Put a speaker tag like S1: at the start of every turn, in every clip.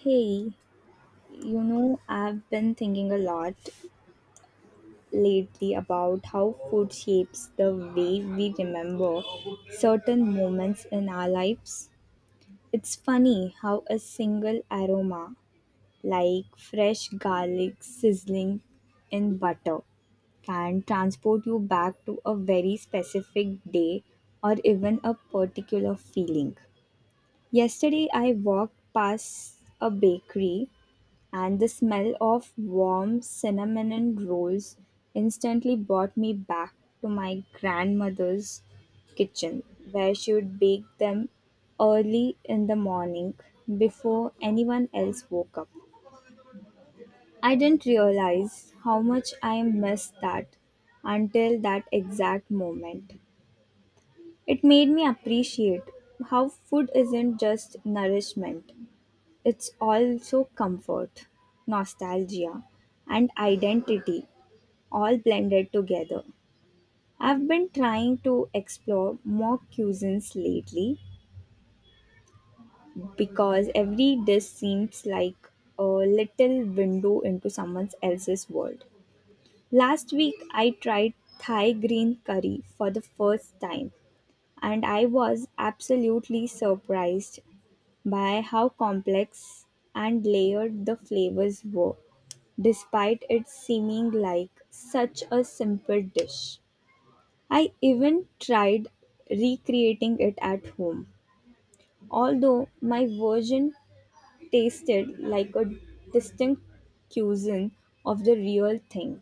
S1: Hey, you know, I've been thinking a lot lately about how food shapes the way we remember certain moments in our lives. It's funny how a single aroma, like fresh garlic sizzling in butter, can transport you back to a very specific day or even a particular feeling. Yesterday, I walked past a bakery and the smell of warm cinnamon rolls instantly brought me back to my grandmother's kitchen, where she would bake them early in the morning before anyone else woke up. I didn't realize how much I missed that until that exact moment. It made me appreciate how food isn't just nourishment, it's also comfort, nostalgia, and identity all blended together. I've been trying to explore more cuisines lately because every dish seems like a little window into someone else's world. Last week, I tried Thai green curry for the first time, and I was absolutely surprised by how complex and layered the flavors were, despite it seeming like such a simple dish. I even tried recreating it at home, although my version tasted like a distinct cuisine of the real thing.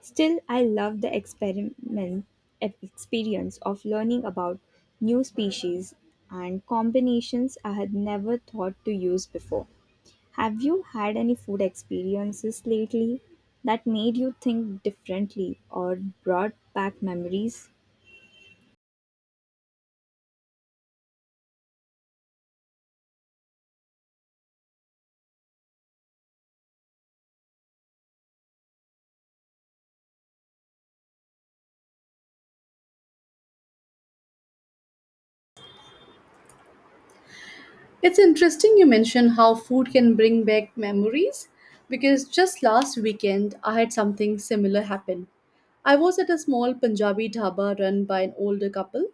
S1: Still, I love the experiment experience of learning about new species and combinations I had never thought to use before. Have you had any food experiences lately that made you think differently or brought back memories?
S2: It's interesting you mention how food can bring back memories because just last weekend I had something similar happen. I was at a small Punjabi dhaba run by an older couple,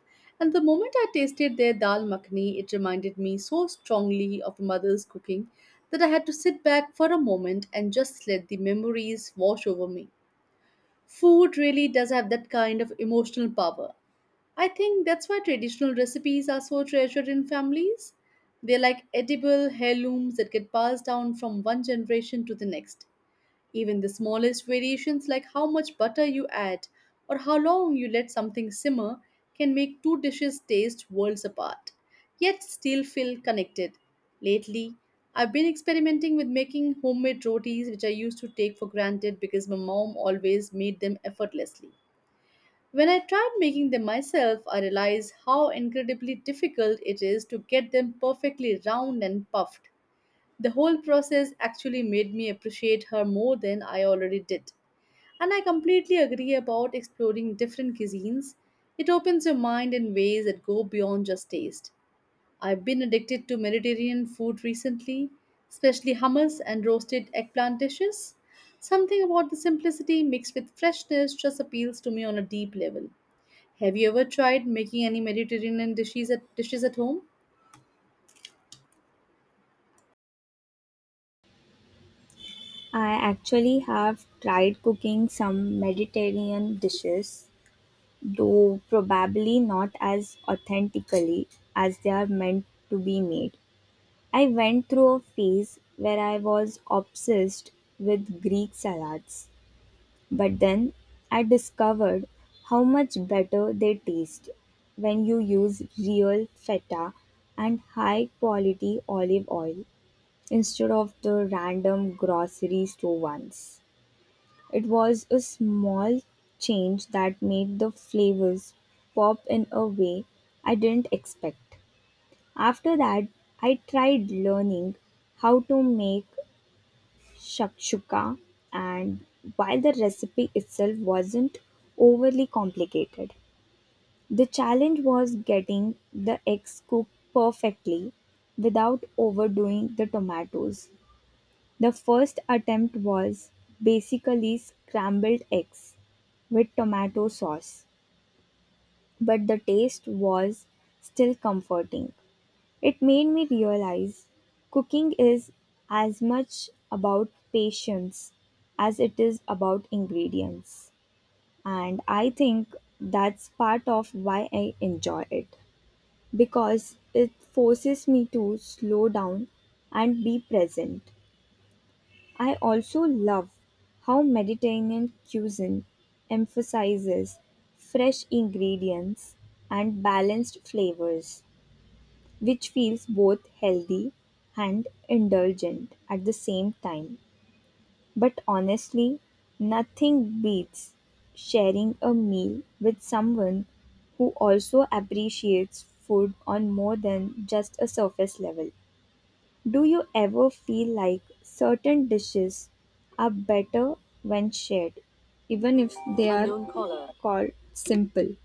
S2: and the moment I tasted their dal makhni, it reminded me so strongly of mother's cooking that I had to sit back for a moment and just let the memories wash over me. Food really does have that kind of emotional power, I think that's why traditional recipes are so treasured in families. They're like edible heirlooms that get passed down from one generation to the next. Even the smallest variations, like how much butter you add or how long you let something simmer, can make two dishes taste worlds apart, yet still feel connected. Lately, I've been experimenting with making homemade rotis, which I used to take for granted because my mom always made them effortlessly. When I tried making them myself, I realized how incredibly difficult it is to get them perfectly round and puffed. The whole process actually made me appreciate her more than I already did. And I completely agree about exploring different cuisines. It opens your mind in ways that go beyond just taste. I've been addicted to Mediterranean food recently, especially hummus and roasted eggplant dishes. Something about the simplicity mixed with freshness just appeals to me on a deep level. Have you ever tried making any Mediterranean dishes at home?
S1: I actually have tried cooking some Mediterranean dishes, though probably not as authentically as they are meant to be made. I went through a phase where I was obsessed with Greek salads. But then I discovered how much better they taste when you use real feta and high quality olive oil instead of the random grocery store ones. It was a small change that made the flavors pop in a way I didn't expect. After that, I tried learning how to make shakshuka, and while the recipe itself wasn't overly complicated, the challenge was getting the eggs cooked perfectly without overdoing the tomatoes. The first attempt was basically scrambled eggs with tomato sauce, but the taste was still comforting. It made me realize cooking is as much about patience as it is about ingredients. And I think that's part of why I enjoy it because it forces me to slow down and be present. I also love how Mediterranean cuisine emphasizes fresh ingredients and balanced flavors which feels both healthy and indulgent at the same time. But honestly, nothing beats sharing a meal with someone who also appreciates food on more than just a surface level. Do you ever feel like certain dishes are better when shared, even if they are called simple?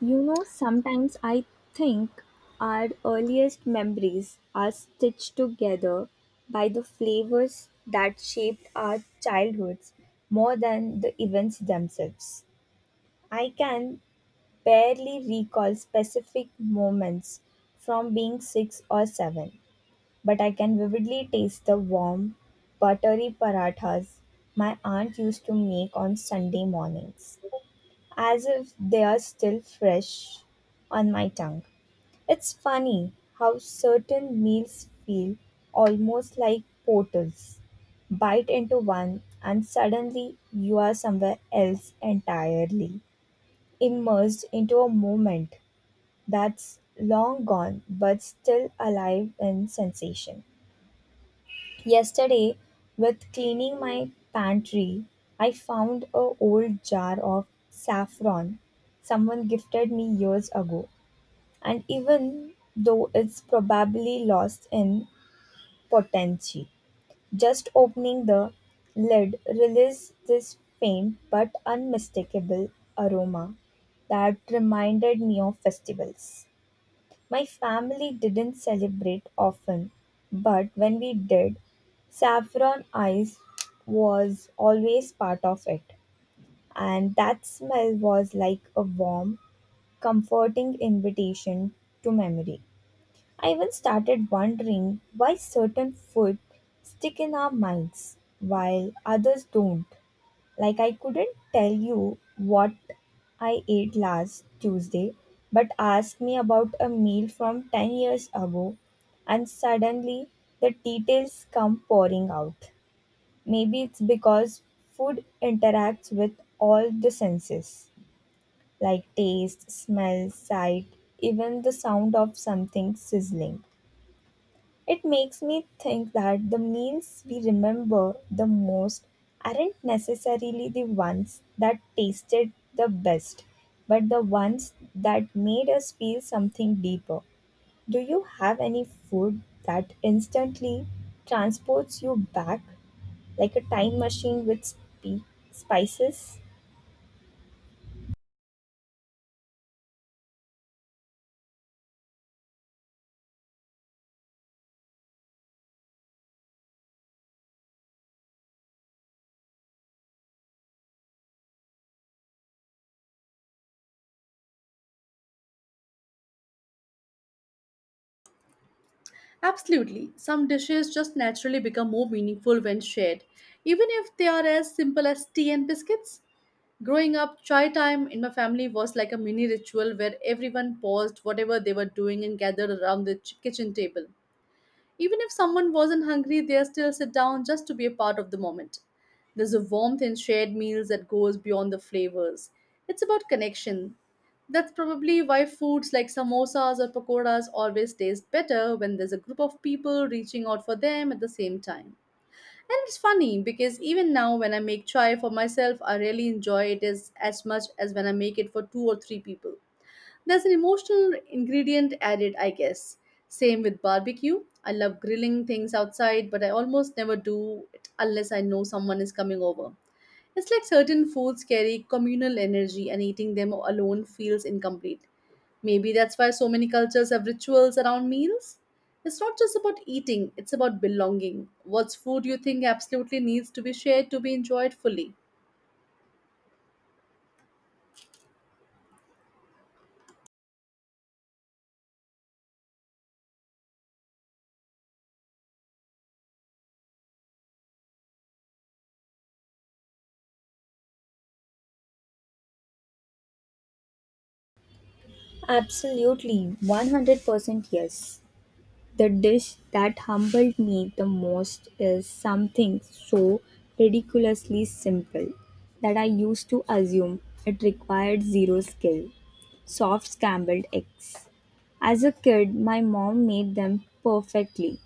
S1: You know, sometimes I think our earliest memories are stitched together by the flavors that shaped our childhoods more than the events themselves. I can barely recall specific moments from being six or seven, but I can vividly taste the warm, buttery parathas my aunt used to make on Sunday mornings as if they are still fresh on my tongue. It's funny how certain meals feel almost like portals. Bite into one, and suddenly you are somewhere else entirely, immersed into a moment that's long gone but still alive in sensation. Yesterday, with cleaning my pantry, I found a old jar of saffron someone gifted me years ago, and even though it's probably lost in potency, just opening the lid released this faint but unmistakable aroma that reminded me of festivals. My family didn't celebrate often, but when we did, saffron ice was always part of it. And that smell was like a warm, comforting invitation to memory. I even started wondering why certain food stick in our minds while others don't. Like, I couldn't tell you what I ate last Tuesday, but ask me about a meal from 10 years ago, and suddenly the details come pouring out. Maybe it's because food interacts with all the senses, like taste, smell, sight, even the sound of something sizzling. It makes me think that the meals we remember the most aren't necessarily the ones that tasted the best, but the ones that made us feel something deeper. Do you have any food that instantly transports you back like a time machine with spices?
S2: Absolutely. Some dishes just naturally become more meaningful when shared, even if they are as simple as tea and biscuits. Growing up, chai time in my family was like a mini ritual where everyone paused whatever they were doing and gathered around the kitchen table. Even if someone wasn't hungry, they still sit down just to be a part of the moment. There's a warmth in shared meals that goes beyond the flavors. It's about connection. That's probably why foods like samosas or pakoras always taste better when there's a group of people reaching out for them at the same time. And it's funny because even now, when I make chai for myself, I really enjoy it as much as when I make it for 2 or 3 people. There's an emotional ingredient added, I guess. Same with barbecue. I love grilling things outside, but I almost never do it unless I know someone is coming over. It's like certain foods carry communal energy, and eating them alone feels incomplete. Maybe that's why so many cultures have rituals around meals. It's not just about eating, it's about belonging. What's food you think absolutely needs to be shared to be enjoyed fully?
S1: Absolutely, 100% yes. The dish that humbled me the most is something so ridiculously simple that I used to assume it required zero skill, soft scrambled eggs. As a kid, my mom made them perfectly,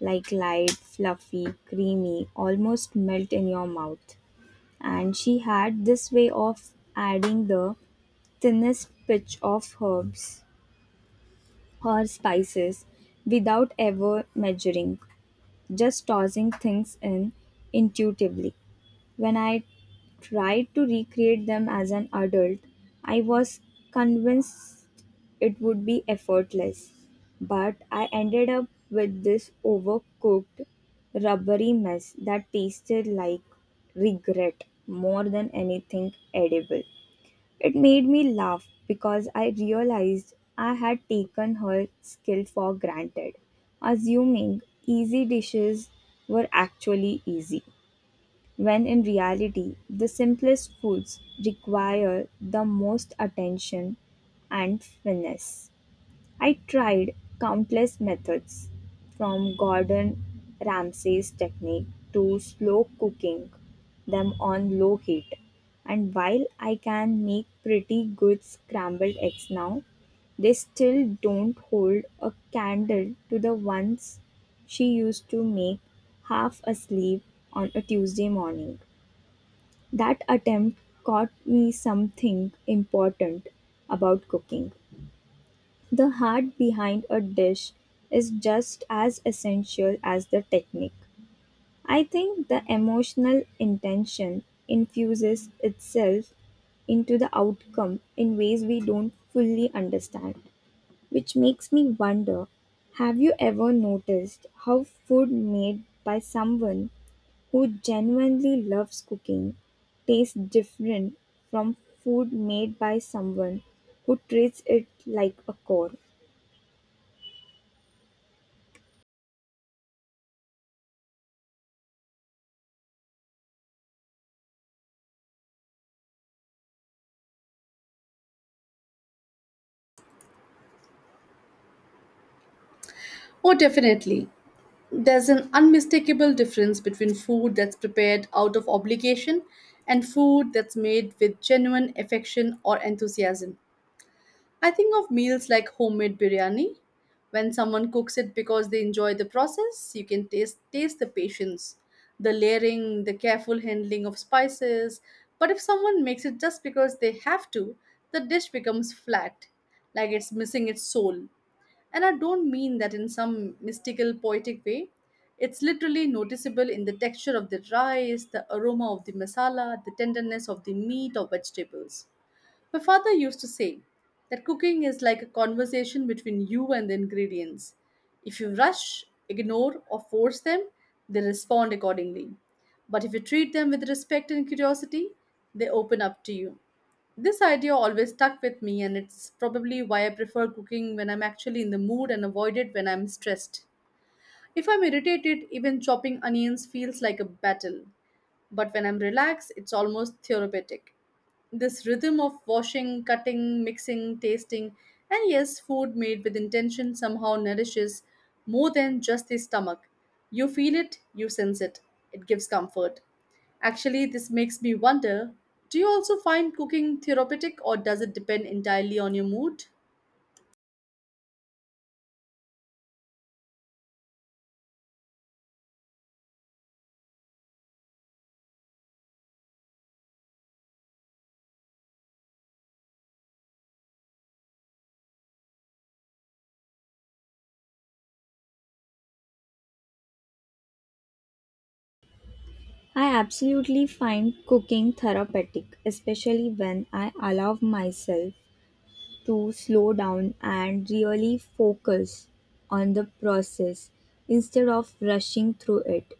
S1: like light, fluffy, creamy, almost melt in your mouth. And she had this way of adding the thinnest pitch of herbs or spices without ever measuring, just tossing things in intuitively. When I tried to recreate them as an adult, I was convinced it would be effortless. But I ended up with this overcooked, rubbery mess that tasted like regret more than anything edible. It made me laugh because I realized I had taken her skill for granted, assuming easy dishes were actually easy, when in reality, the simplest foods require the most attention and finesse. I tried countless methods, from Gordon Ramsay's technique to slow cooking them on low heat. And while I can make pretty good scrambled eggs now, they still don't hold a candle to the ones she used to make half asleep on a Tuesday morning. That attempt taught me something important about cooking. The heart behind a dish is just as essential as the technique. I think the emotional intention infuses itself into the outcome in ways we don't fully understand, which makes me wonder, have you ever noticed how food made by someone who genuinely loves cooking tastes different from food made by someone who treats it like a chore?
S2: Oh, definitely. There's an unmistakable difference between food that's prepared out of obligation and food that's made with genuine affection or enthusiasm. I think of meals like homemade biryani. When someone cooks it because they enjoy the process, you can taste the patience, the layering, the careful handling of spices. But if someone makes it just because they have to, the dish becomes flat, like it's missing its soul. And I don't mean that in some mystical, poetic way. It's literally noticeable in the texture of the rice, the aroma of the masala, the tenderness of the meat or vegetables. My father used to say that cooking is like a conversation between you and the ingredients. If you rush, ignore, or force them, they respond accordingly. But if you treat them with respect and curiosity, they open up to you. This idea always stuck with me, and it's probably why I prefer cooking when I'm actually in the mood and avoid it when I'm stressed. If I'm irritated, even chopping onions feels like a battle, but when I'm relaxed, it's almost therapeutic. This rhythm of washing, cutting, mixing, tasting, and yes, food made with intention somehow nourishes more than just the stomach. You feel it, you sense it, it gives comfort. Actually, this makes me wonder, do you also find cooking therapeutic, or does it depend entirely on your mood?
S1: I absolutely find cooking therapeutic, especially when I allow myself to slow down and really focus on the process instead of rushing through it.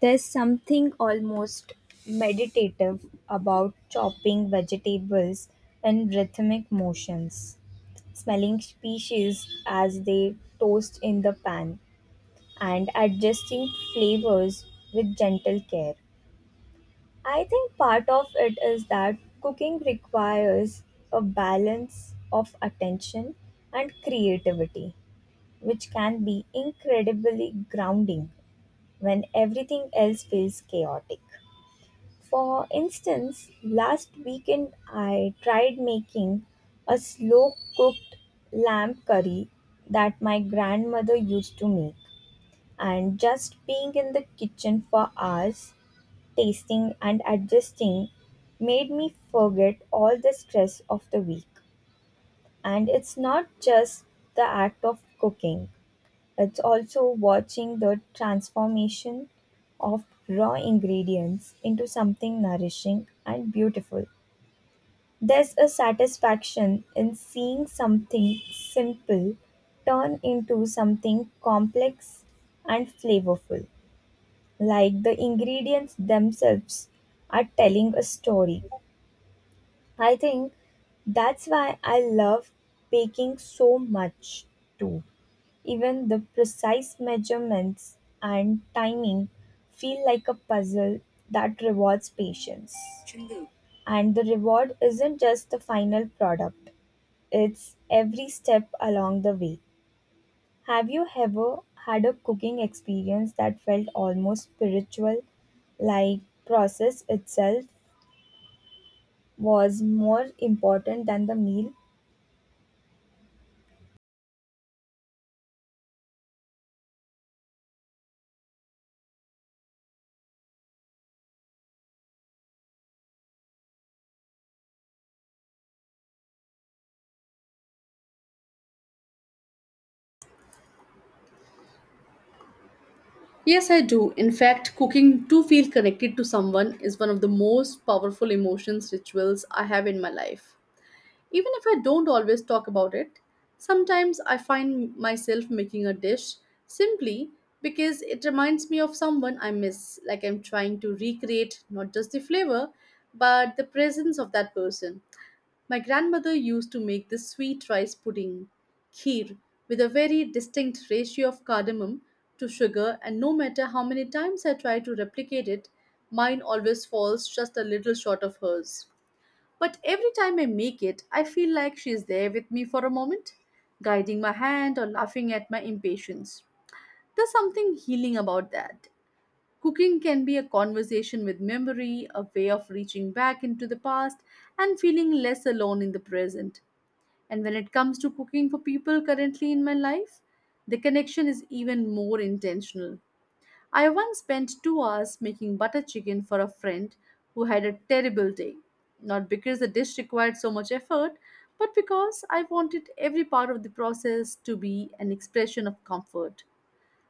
S1: There's something almost meditative about chopping vegetables in rhythmic motions, smelling species as they toast in the pan, and adjusting flavors with gentle care. I think part of it is that cooking requires a balance of attention and creativity, which can be incredibly grounding when everything else feels chaotic. For instance, last weekend I tried making a slow cooked lamb curry that my grandmother used to make, and just being in the kitchen for hours tasting and adjusting made me forget all the stress of the week. And it's not just the act of cooking, it's also watching the transformation of raw ingredients into something nourishing and beautiful. There's a satisfaction in seeing something simple turn into something complex and flavorful, like the ingredients themselves are telling a story. I think that's why I love baking so much too. Even the precise measurements and timing feel like a puzzle that rewards patience. And the reward isn't just the final product, it's every step along the way. Have you ever had a cooking experience that felt almost spiritual, like process itself was more important than the meal?
S2: Yes, I do. In fact, cooking to feel connected to someone is one of the most powerful emotions rituals I have in my life. Even if I don't always talk about it, sometimes I find myself making a dish simply because it reminds me of someone I miss, like I'm trying to recreate not just the flavor, but the presence of that person. My grandmother used to make this sweet rice pudding, kheer, with a very distinct ratio of cardamom to sugar, and no matter how many times I try to replicate it, mine always falls just a little short of hers. But every time I make it, I feel like she's there with me for a moment, guiding my hand or laughing at my impatience. There's something healing about that. Cooking can be a conversation with memory, a way of reaching back into the past and feeling less alone in the present. And when it comes to cooking for people currently in my life, the connection is even more intentional. I once spent 2 hours making butter chicken for a friend who had a terrible day. Not because the dish required so much effort, but because I wanted every part of the process to be an expression of comfort.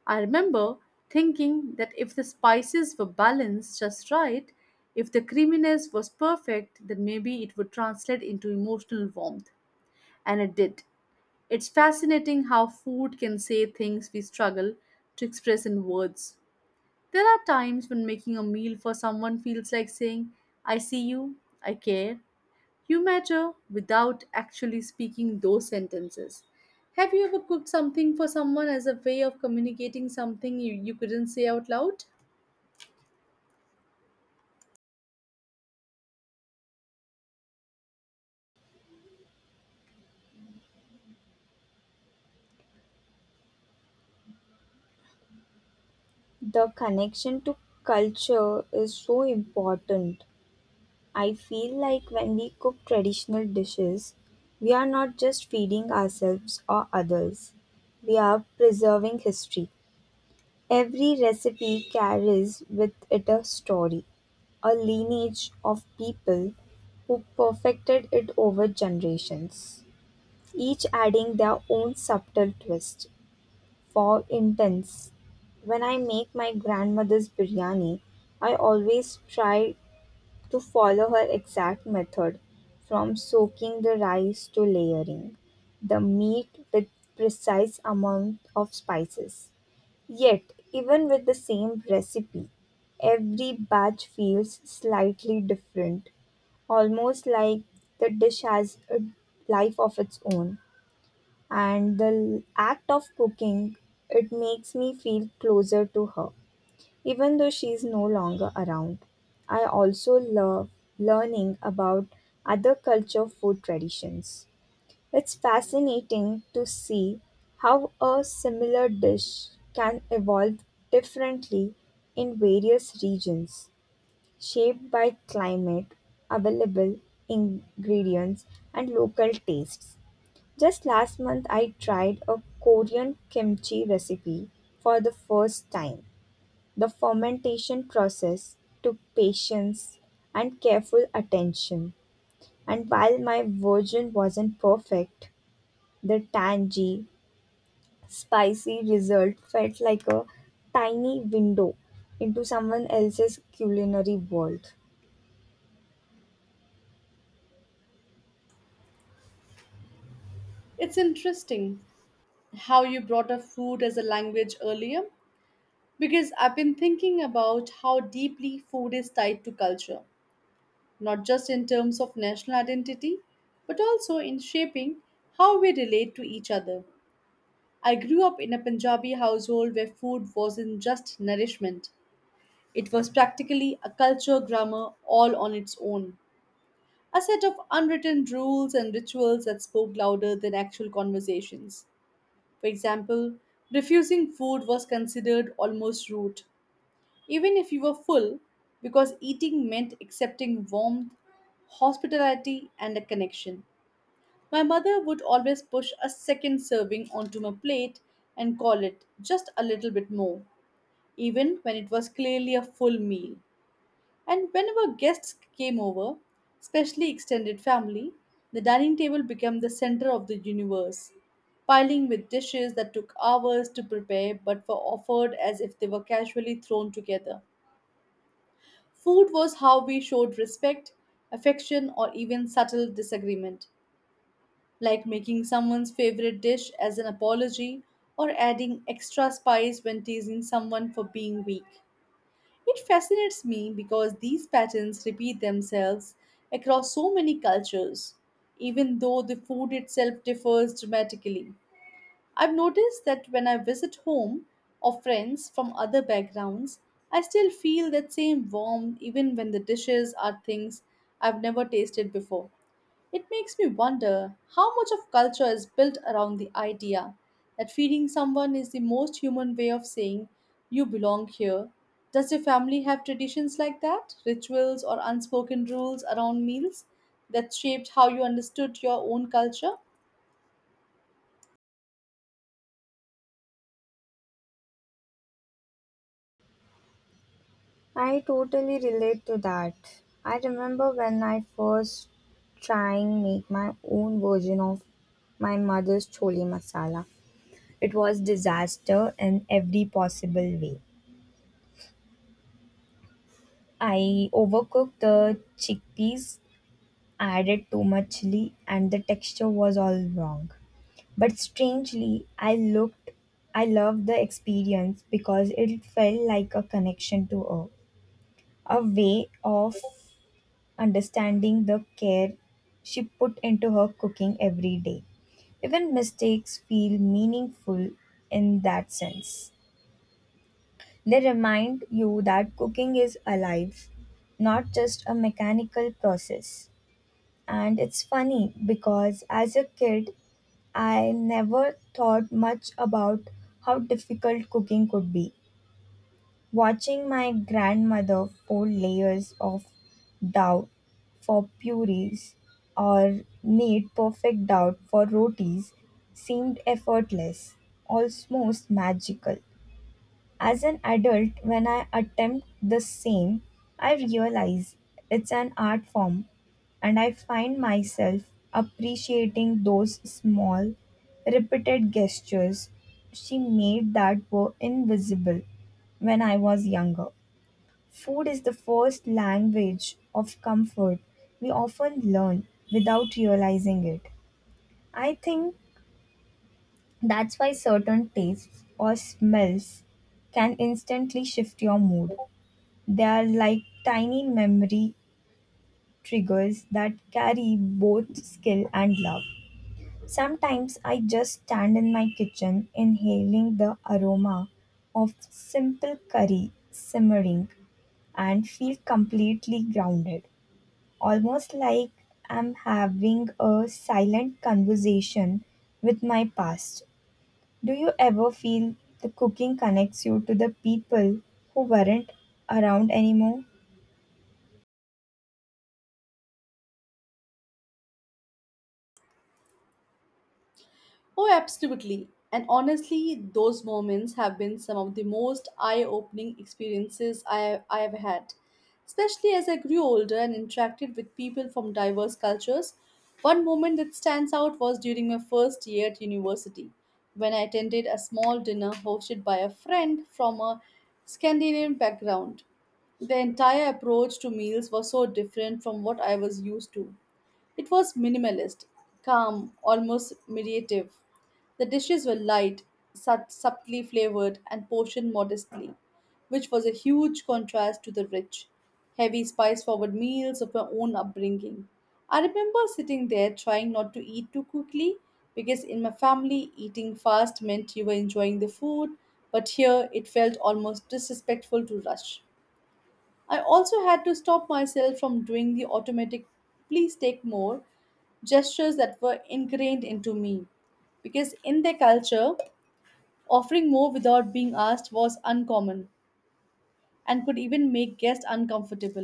S2: I remember thinking that if the spices were balanced just right, if the creaminess was perfect, then maybe it would translate into emotional warmth. And it did. It's fascinating how food can say things we struggle to express in words. There are times when making a meal for someone feels like saying, I see you, I care, you matter, without actually speaking those sentences. Have you ever cooked something for someone as a way of communicating something you couldn't say out loud?
S1: The connection to culture is so important. I feel like when we cook traditional dishes, we are not just feeding ourselves or others, we are preserving history. Every recipe carries with it a story, a lineage of people who perfected it over generations, each adding their own subtle twist. For instance, when I make my grandmother's biryani, I always try to follow her exact method, from soaking the rice to layering the meat with precise amount of spices. Yet, even with the same recipe, every batch feels slightly different, almost like the dish has a life of its own, and the act of cooking it makes me feel closer to her, even though she is no longer around. I also love learning about other culture food traditions. It's fascinating to see how a similar dish can evolve differently in various regions, shaped by climate, available ingredients, and local tastes. Just last month, I tried a Korean kimchi recipe for the first time. The fermentation process took patience and careful attention, and while my version wasn't perfect, the tangy, spicy result felt like a tiny window into someone else's culinary world.
S2: It's interesting how you brought up food as a language earlier because I've been thinking about how deeply food is tied to culture, not just in terms of national identity, but also in shaping how we relate to each other. I grew up in a Punjabi household where food wasn't just nourishment, it was practically a culture grammar all on its own, a set of unwritten rules and rituals that spoke louder than actual conversations. For example, refusing food was considered almost rude, even if you were full, because eating meant accepting warmth, hospitality, and a connection. My mother would always push a second serving onto my plate and call it just a little bit more, even when it was clearly a full meal. And whenever guests came over, especially extended family, the dining table became the center of the universe, piling with dishes that took hours to prepare but were offered as if they were casually thrown together. Food was how we showed respect, affection, or even subtle disagreement, like making someone's favorite dish as an apology or adding extra spice when teasing someone for being weak. It fascinates me because these patterns repeat themselves across so many cultures, even though the food itself differs dramatically. I've noticed that when I visit home or friends from other backgrounds, I still feel that same warmth even when the dishes are things I've never tasted before. It makes me wonder how much of culture is built around the idea that feeding someone is the most human way of saying, you belong here. Does your family have traditions like that? Rituals or unspoken rules around meals that shaped how you understood your own culture?
S1: I totally relate to that. I remember when I first trying make my own version of my mother's chole masala. It was disaster in every possible way. I overcooked the chickpeas, added too much chili and the texture was all wrong. But strangely, I loved the experience because it felt like a connection to earth, a way of understanding the care she put into her cooking every day. Even mistakes feel meaningful in that sense. They remind you that cooking is alive, not just a mechanical process. And it's funny because as a kid, I never thought much about how difficult cooking could be. Watching my grandmother fold layers of dough for purees or knead perfect dough for rotis seemed effortless, almost magical. As an adult, when I attempt the same, I realize it's an art form, and I find myself appreciating those small, repeated gestures she made that were invisible when I was younger. Food is the first language of comfort we often learn without realizing it. I think that's why certain tastes or smells can instantly shift your mood. They are like tiny memory triggers that carry both skill and love. Sometimes I just stand in my kitchen inhaling the aroma of simple curry simmering and feel completely grounded, almost like I'm having a silent conversation with my past. Do you ever feel the cooking connects you to the people who weren't around anymore?
S2: Oh, absolutely. And honestly, those moments have been some of the most eye opening experiences I have had. Especially as I grew older and interacted with people from diverse cultures, one moment that stands out was during my first year at university, when I attended a small dinner hosted by a friend from a Scandinavian background. The entire approach to meals was so different from what I was used to. It was minimalist, calm, almost meditative. The dishes were light, subtly flavored, and portioned modestly, which was a huge contrast to the rich, heavy, spice forward meals of my own upbringing. I remember sitting there trying not to eat too quickly because in my family, eating fast meant you were enjoying the food, but here it felt almost disrespectful to rush. I also had to stop myself from doing the automatic please take more gestures that were ingrained into me because in their culture, offering more without being asked was uncommon and could even make guests uncomfortable.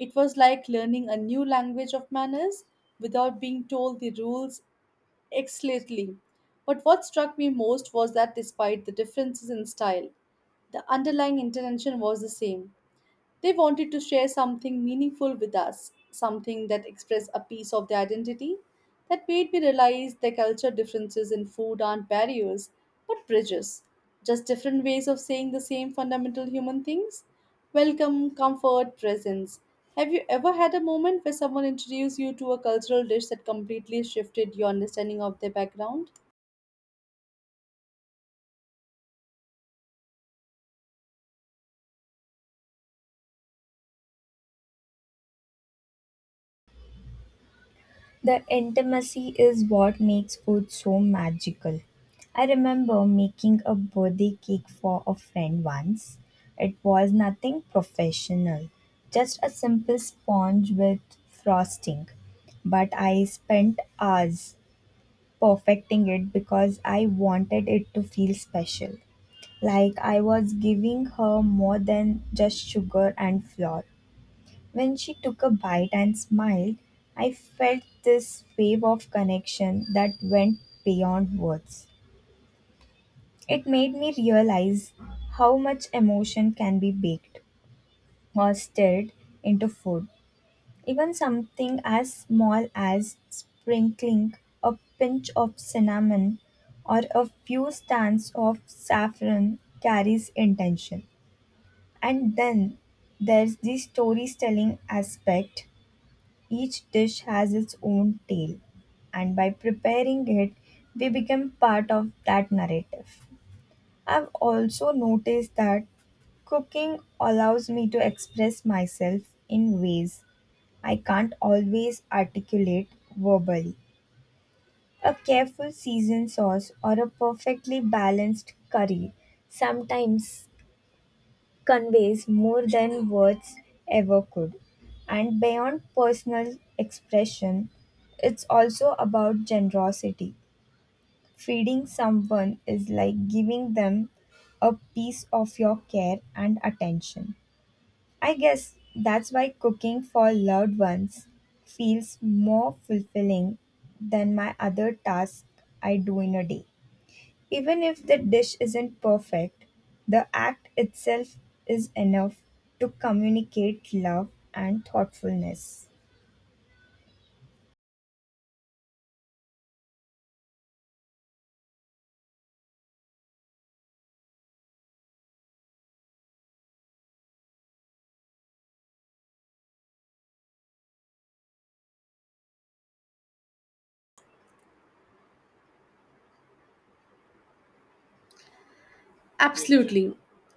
S2: It was like learning a new language of manners without being told the rules explicitly. But what struck me most was that despite the differences in style, the underlying intention was the same, they wanted to share something meaningful with us, something that expressed a piece of their identity. That made me realize their culture differences in food aren't barriers, but bridges, just different ways of saying the same fundamental human things, welcome, comfort, presence. Have you ever had a moment where someone introduced you to a cultural dish that completely shifted your understanding of their background?
S1: The intimacy is what makes food so magical. I remember making a birthday cake for a friend once. It was nothing professional, just a simple sponge with frosting. But I spent hours perfecting it because I wanted it to feel special, like I was giving her more than just sugar and flour. When she took a bite and smiled, I felt this wave of connection that went beyond words. It made me realize how much emotion can be baked or stirred into food. Even something as small as sprinkling a pinch of cinnamon or a few strands of saffron carries intention. And then there's the storytelling aspect. Each dish has its own tale, and by preparing it, we become part of that narrative. I've also noticed that cooking allows me to express myself in ways I can't always articulate verbally. A careful seasoned sauce or a perfectly balanced curry sometimes conveys more than words ever could. And beyond personal expression, it's also about generosity. Feeding someone is like giving them a piece of your care and attention. I guess that's why cooking for loved ones feels more fulfilling than my other task I do in a day. Even if the dish isn't perfect, the act itself is enough to communicate love and thoughtfulness.
S2: Absolutely.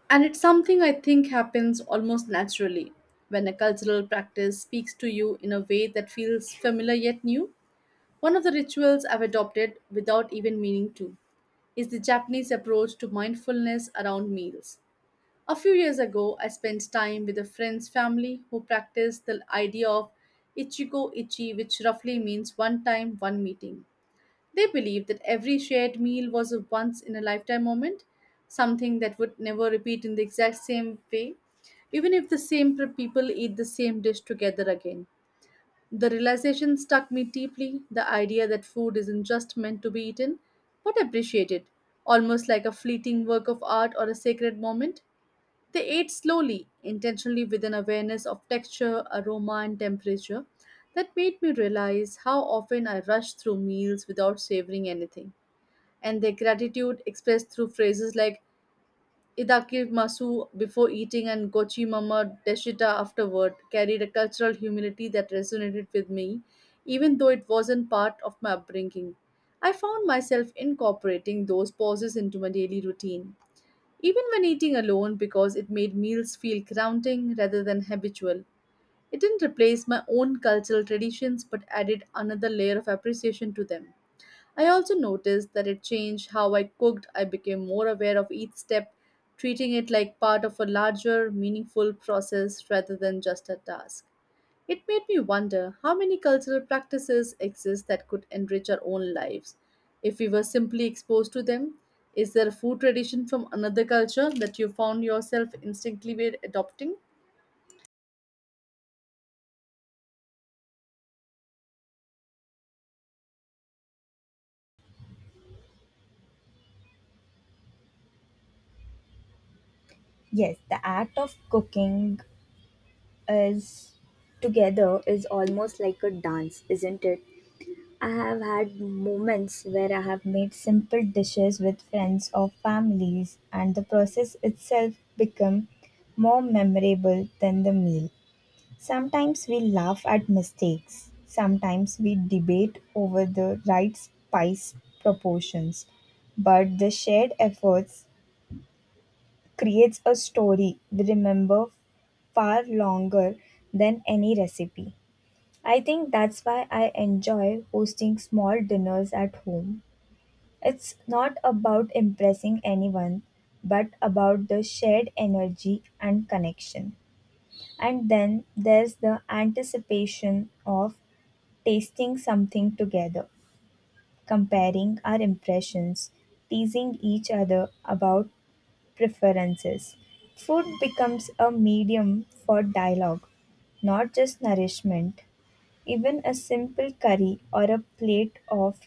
S2: And it's something I think happens almost naturally. When a cultural practice speaks to you in a way that feels familiar yet new, one of the rituals I've adopted without even meaning to is the Japanese approach to mindfulness around meals. A few years ago, I spent time with a friend's family who practiced the idea of ichigo ichi, which roughly means one time, one meeting. They believed that every shared meal was a once in a lifetime moment, something that would never repeat in the exact same way, even if the same people eat the same dish together again. The realization struck me deeply, the idea that food isn't just meant to be eaten, but appreciated, almost like a fleeting work of art or a sacred moment. They ate slowly, intentionally, with an awareness of texture, aroma, and temperature that made me realize how often I rush through meals without savoring anything. And their gratitude, expressed through phrases like Idaki Masu before eating and Gochi Mama Deshita afterward, carried a cultural humility that resonated with me, even though it wasn't part of my upbringing. I found myself incorporating those pauses into my daily routine, even when eating alone, because it made meals feel grounding rather than habitual. It didn't replace my own cultural traditions, but added another layer of appreciation to them. I also noticed that it changed how I cooked. I became more aware of each step, treating it like part of a larger, meaningful process rather than just a task. It made me wonder how many cultural practices exist that could enrich our own lives if we were simply exposed to them. Is there a food tradition from another culture that you found yourself instinctively adopting?
S1: Yes, the act of cooking is together is almost like a dance, isn't it? I have had moments where I have made simple dishes with friends or families and the process itself become more memorable than the meal. Sometimes we laugh at mistakes. Sometimes we debate over the right spice proportions. But the shared efforts creates a story we remember far longer than any recipe. I think that's why I enjoy hosting small dinners at home. It's not about impressing anyone, but about the shared energy and connection. And then there's the anticipation of tasting something together, comparing our impressions, teasing each other about preferences. Food becomes a medium for dialogue, not just nourishment. Even a simple curry or a plate of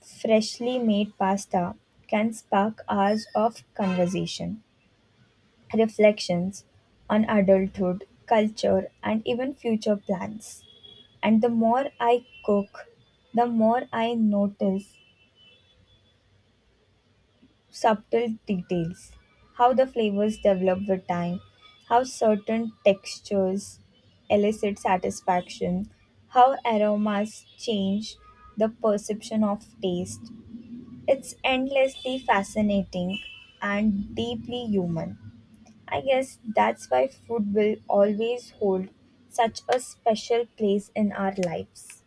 S1: freshly made pasta can spark hours of conversation, reflections on adulthood, culture, and even future plans. And the more I cook, the more I notice subtle details, how the flavors develop with time, how certain textures elicit satisfaction, how aromas change the perception of taste. It's endlessly fascinating and deeply human. I guess that's why food will always hold such a special place in our lives,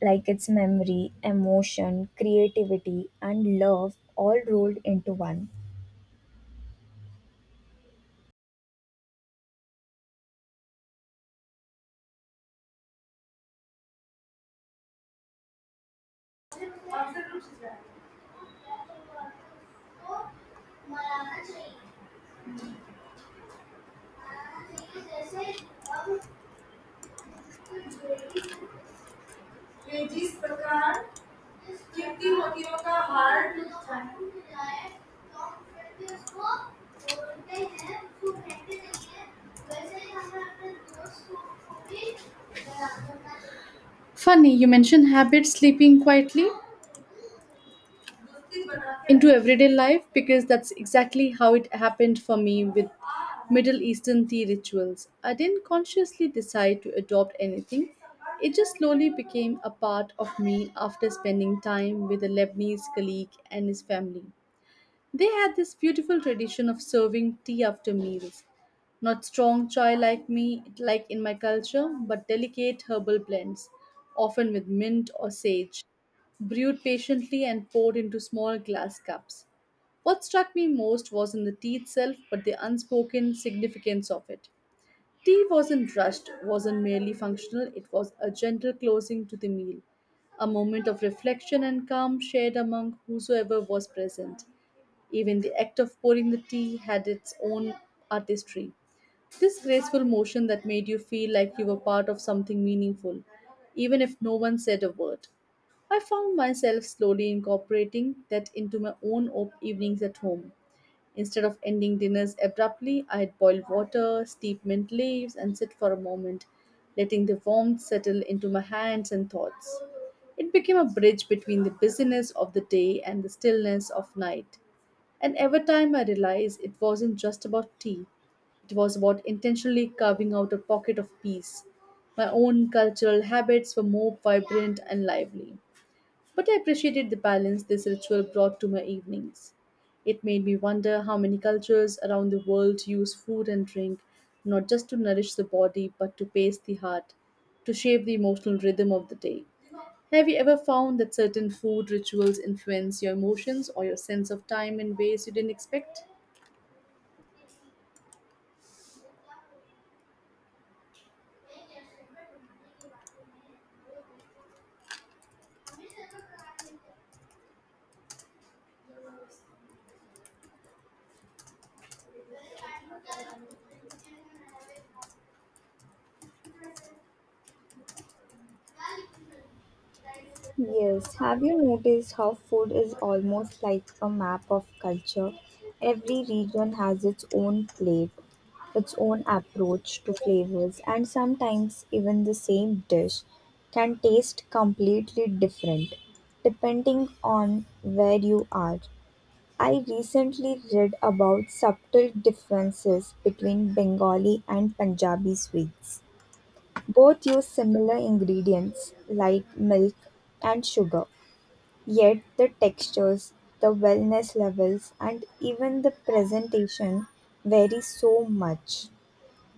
S1: like its memory, emotion, creativity, and love all rolled into one.
S2: Funny, you mentioned habits sleeping quietly into everyday life, because that's exactly how it happened for me with Middle Eastern tea rituals. I didn't consciously decide to adopt anything, it just slowly became a part of me after spending time with a Lebanese colleague and his family. They had this beautiful tradition of serving tea after meals. Not strong chai like me, like in my culture, but delicate herbal blends, often with mint or sage, brewed patiently and poured into small glass cups. What struck me most wasn't the tea itself, but the unspoken significance of it. Tea wasn't rushed, wasn't merely functional. It was a gentle closing to the meal, a moment of reflection and calm shared among whosoever was present. Even the act of pouring the tea had its own artistry. This graceful motion that made you feel like you were part of something meaningful, even if no one said a word. I found myself slowly incorporating that into my own evenings at home. Instead of ending dinners abruptly, I'd boil water, steep mint leaves, and sit for a moment, letting the warmth settle into my hands and thoughts. It became a bridge between the busyness of the day and the stillness of night. And every time, I realized it wasn't just about tea, it was about intentionally carving out a pocket of peace. My own cultural habits were more vibrant and lively, but I appreciated the balance this ritual brought to my evenings. It made me wonder how many cultures around the world use food and drink not just to nourish the body, but to pace the heart, to shape the emotional rhythm of the day. Have you ever found that certain food rituals influence your emotions or your sense of time in ways you didn't expect?
S1: Yes, have you noticed how food is almost like a map of culture? Every region has its own plate, its own approach to flavors, and sometimes even the same dish can taste completely different depending on where you are. I recently read about subtle differences between Bengali and Punjabi sweets. Both use similar ingredients like milk and sugar, yet the textures, the wellness levels, and even the presentation vary so much.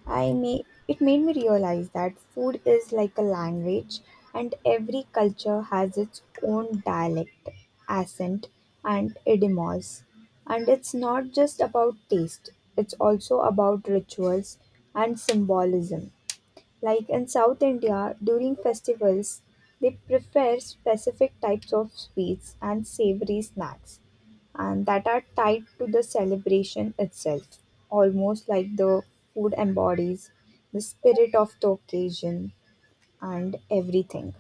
S1: I may it made me realize that food is like a language and every culture has its own dialect, accent and idioms. And it's not just about taste, it's also about rituals and symbolism. Like in South India, during festivals, they prefer specific types of sweets and savory snacks, and that are tied to the celebration itself, almost like the food embodies the spirit of the occasion and everything.